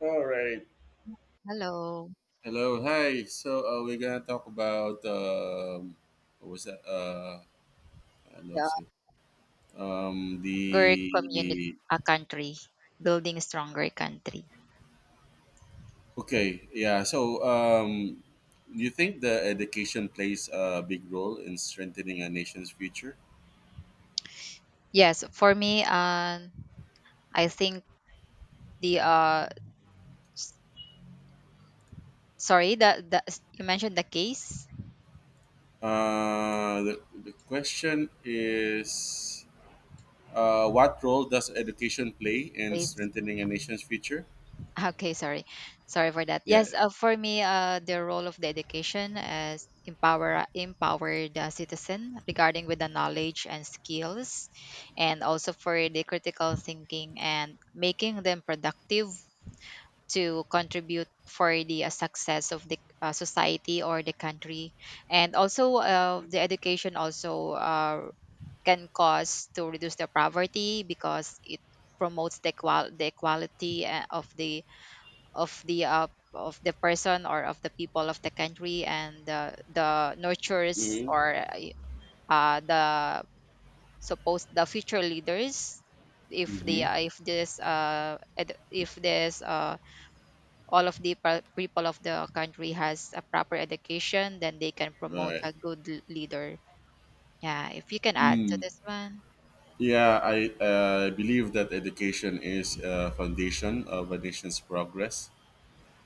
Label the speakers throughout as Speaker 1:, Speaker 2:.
Speaker 1: All right.
Speaker 2: Hello.
Speaker 1: Hello. Hi. So we're gonna talk about what was that? Ano
Speaker 2: Yeah,
Speaker 1: si
Speaker 2: stronger community,
Speaker 1: the
Speaker 2: a country, building stronger country.
Speaker 1: okay yeah. So do you think the education plays a big role in strengthening a nation's future?
Speaker 2: Yes, for me, I think the uh, the you mentioned the case,
Speaker 1: The question is. What role does education play in
Speaker 2: case.
Speaker 1: strengthening a nation's future?
Speaker 2: Okay, sorry, sorry for that.
Speaker 1: Yeah.
Speaker 2: Yes, for me, the role of the education is empower the citizen regarding with the knowledge and skills, and also for the critical thinking and making them productive to contribute for the success of the society or the country. And also the education also can cause to reduce the poverty because it promotes the equality of the of the uh, of the person or of the people of the country. And the nurtures
Speaker 1: Mm-hmm.
Speaker 2: or the supposed the future leaders if they
Speaker 1: Mm-hmm.
Speaker 2: if this all of the people of the country has a proper education, then they can promote
Speaker 1: Right.
Speaker 2: a good leader. Yeah, if you can add to
Speaker 1: Mm.
Speaker 2: this one.
Speaker 1: Yeah, I believe that education is a foundation of a nation's progress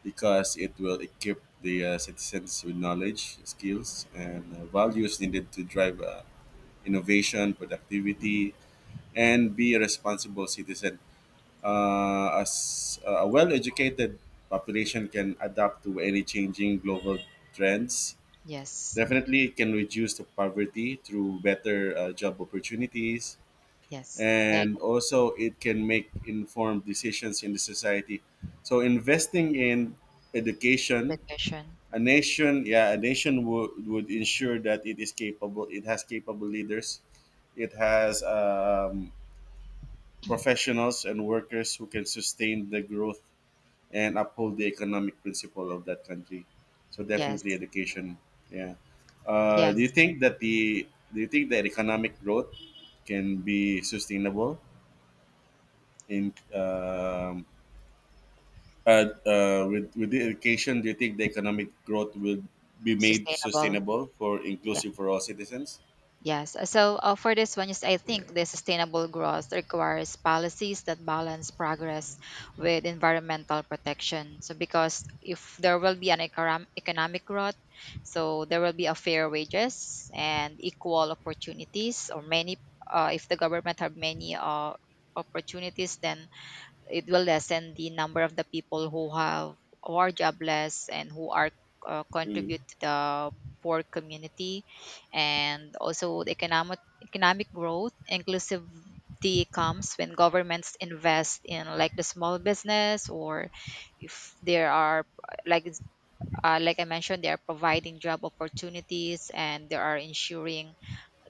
Speaker 1: because it will equip the citizens with knowledge, skills, and values needed to drive innovation, productivity, and be a responsible citizen. As a well-educated population can adapt to any changing global trends.
Speaker 2: Yes.
Speaker 1: Definitely, it can reduce the poverty through better job opportunities,
Speaker 2: Yes. Like
Speaker 1: and also it can make informed decisions in the society, so investing in education,
Speaker 2: education.
Speaker 1: a nation, yeah, a nation would ensure that it is capable, it has capable leaders, it has professionals and workers who can sustain the growth and uphold the economic principle of that country. So definitely
Speaker 2: Yes.
Speaker 1: education, yeah. Do you
Speaker 2: Yes.
Speaker 1: think that the, do you think that economic growth can be sustainable in, with the education, do you think the economic growth will be made
Speaker 2: Sustainable.
Speaker 1: sustainable, for
Speaker 2: Yeah.
Speaker 1: inclusive for all citizens?
Speaker 2: Yes. So for this one, yes, I think the sustainable growth requires policies that balance progress with environmental protection. So because if there will be an economic growth, so there will be a fair wages and equal opportunities, or many. If the government have many opportunities, then it will lessen the number of the people who have, who are jobless and who are contribute to the poor community. And also the economic growth inclusivity comes when governments invest in like the small business, or if there are like like I mentioned, they are providing job opportunities and they are ensuring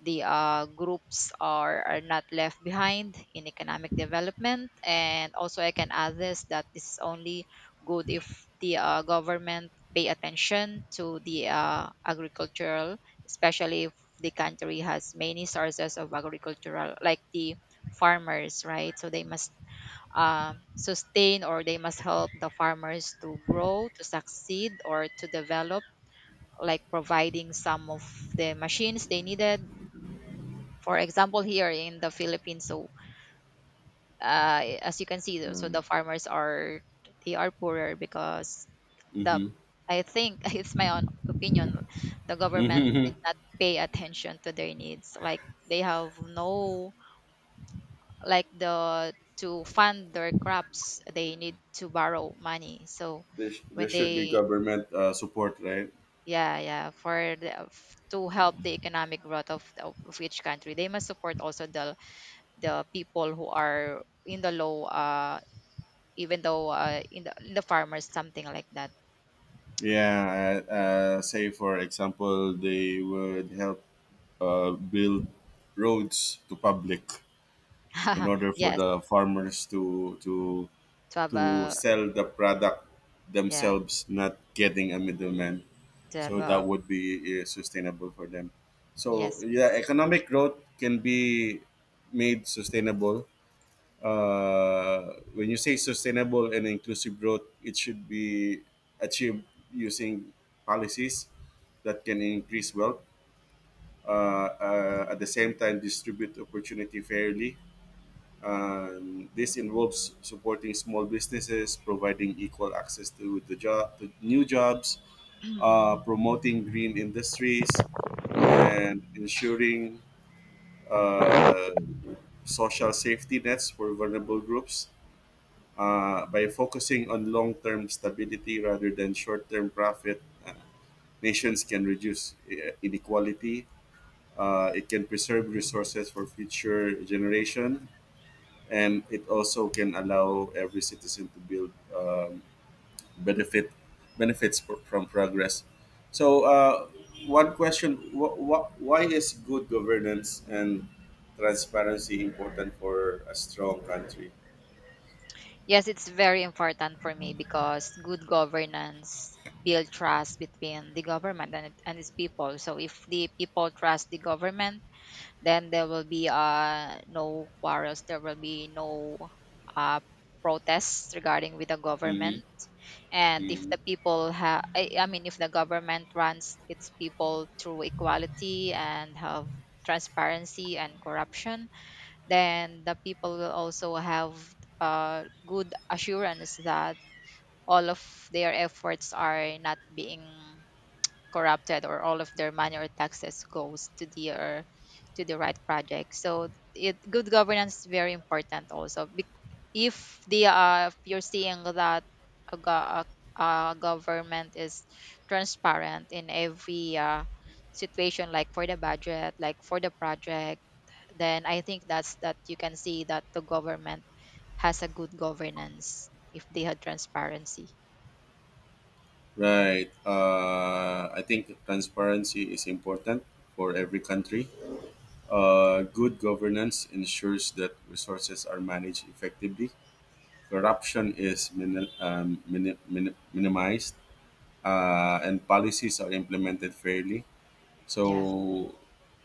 Speaker 2: the groups are not left behind in economic development. And also, I can add this, that this is only good if the government pay attention to the agricultural, especially if the country has many sources of agricultural, like the farmers, right? So they must sustain or they must help the farmers to grow, to succeed, or to develop, like providing some of the machines they needed. For example, here in the Philippines, so as you can see, so the farmers are, they are poorer because the,
Speaker 1: Mm-hmm.
Speaker 2: I think it's my own opinion, the government
Speaker 1: Mm-hmm.
Speaker 2: did not pay attention to their needs, like they have no, like the, to fund their crops they need to borrow money. So
Speaker 1: There
Speaker 2: when
Speaker 1: should be
Speaker 2: they,
Speaker 1: government support, right?
Speaker 2: yeah, yeah, for the, to help the economic growth of each country, they must support also the people who are in the low even though in the farmers, something like that.
Speaker 1: Yeah. Say for example, they would help build roads to public in order for
Speaker 2: Yes,
Speaker 1: the farmers to to
Speaker 2: to have
Speaker 1: to
Speaker 2: a,
Speaker 1: sell the product
Speaker 2: yeah,
Speaker 1: themselves, not getting a middleman.
Speaker 2: to have
Speaker 1: So that
Speaker 2: a,
Speaker 1: would be sustainable for them. So
Speaker 2: yes,
Speaker 1: yeah,
Speaker 2: yes.
Speaker 1: economic growth can be made sustainable. When you say sustainable and inclusive growth, it should be achieved using policies that can increase wealth. Uh, at the same time, distribute opportunity fairly. This involves supporting small businesses, providing equal access to the job, to new jobs, promoting green industries, and ensuring uh, social safety nets for vulnerable groups, by focusing on long-term stability rather than short-term profit. uh, Nations can reduce inequality. It can preserve resources for future generation, and it also can allow every citizen to build benefit benefits from progress. So, one question: Why is good governance and transparency important for a strong country?
Speaker 2: Yes, it's very important for me because good governance build trust between the government and, and its people. So if the people trust the government, then there will be no quarrels, there will be no uh protests regarding with the
Speaker 1: Hmm.
Speaker 2: government. And if the people have I mean, if the government runs its people through equality and have transparency and corruption, then the people will also have good assurance that all of their efforts are not being corrupted, or all of their money or taxes goes to the right project. So it good governance is very important also. If the if you're seeing that a, go- a, a government is transparent in every situation, like for the budget, like for the project, then I think that's that, you can see that the government has a good governance if they had transparency.
Speaker 1: Right. I think transparency is important for every country. Good governance ensures that resources are managed effectively, corruption is minimized,
Speaker 2: Mm,
Speaker 1: and policies are implemented fairly.
Speaker 2: yeah.
Speaker 1: So,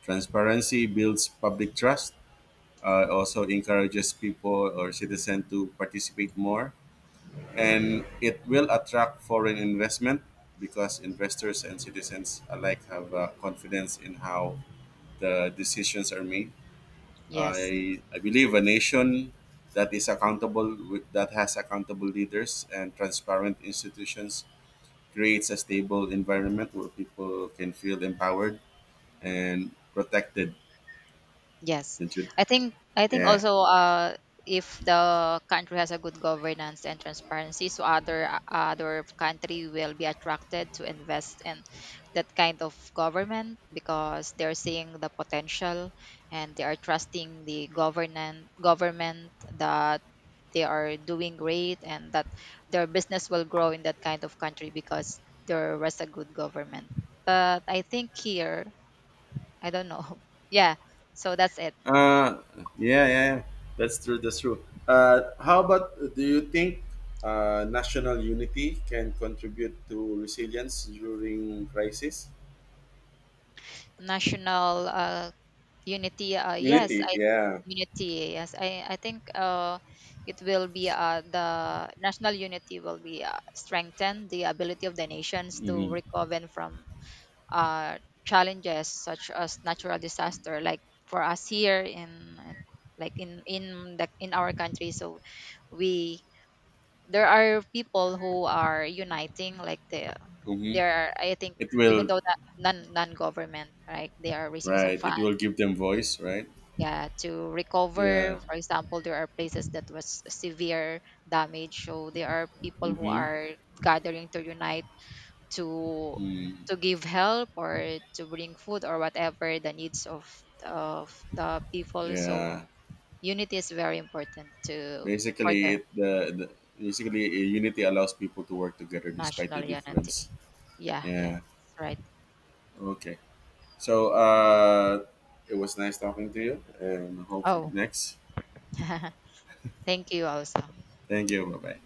Speaker 1: transparency builds public trust. Also encourages people or citizens to participate more,
Speaker 2: Mhm.
Speaker 1: and it will attract foreign investment because investors and citizens alike have confidence in how the decisions are made.
Speaker 2: Yes.
Speaker 1: I believe a nation that is accountable with, that has accountable leaders and transparent institutions creates a stable environment where people can feel empowered and protected.
Speaker 2: Yes.
Speaker 1: Did you-
Speaker 2: I think, I think
Speaker 1: Yeah.
Speaker 2: also if the country has a good governance and transparency, so other other country will be attracted to invest in that kind of government because they're seeing the potential and they are trusting the government that they are doing great and that their business will grow in that kind of country because there was a good government. But I think here, I don't know. Yeah. So that's it.
Speaker 1: Uh, yeah, yeah. That's true. That's true. How about do you think national unity can contribute to resilience during crisis?
Speaker 2: National unity yes
Speaker 1: Unity,
Speaker 2: I,
Speaker 1: yeah.
Speaker 2: unity, yes I think it will be the national unity will be strengthened the ability of the nations to
Speaker 1: Mm-hmm.
Speaker 2: recover from uh, challenges such as natural disaster, like for us here in, like in the, in our country. So we, there are people who are uniting, like the,
Speaker 1: Mm-hmm.
Speaker 2: there are, I think,
Speaker 1: It
Speaker 2: even
Speaker 1: will.
Speaker 2: though that non government, right, they are raising some
Speaker 1: Right. It
Speaker 2: funds,
Speaker 1: will give them voice, right?
Speaker 2: yeah, to
Speaker 1: Yeah.
Speaker 2: recover. For example, there are places that was severe damage, so there are people who
Speaker 1: Mm-hmm.
Speaker 2: are gathering to unite, to
Speaker 1: Mm.
Speaker 2: to give help or to bring food or whatever the needs of the people. So
Speaker 1: Yeah.
Speaker 2: unity is very important to for
Speaker 1: Basically,
Speaker 2: the
Speaker 1: it the, the basically unity allows people to work together despite the
Speaker 2: national unity.
Speaker 1: difference.
Speaker 2: Yeah, yeah,
Speaker 1: Yeah.
Speaker 2: that's right.
Speaker 1: Okay. So it was nice talking to you, and hope for the
Speaker 2: Oh,
Speaker 1: next.
Speaker 2: thank you also.
Speaker 1: Thank you. Bye bye.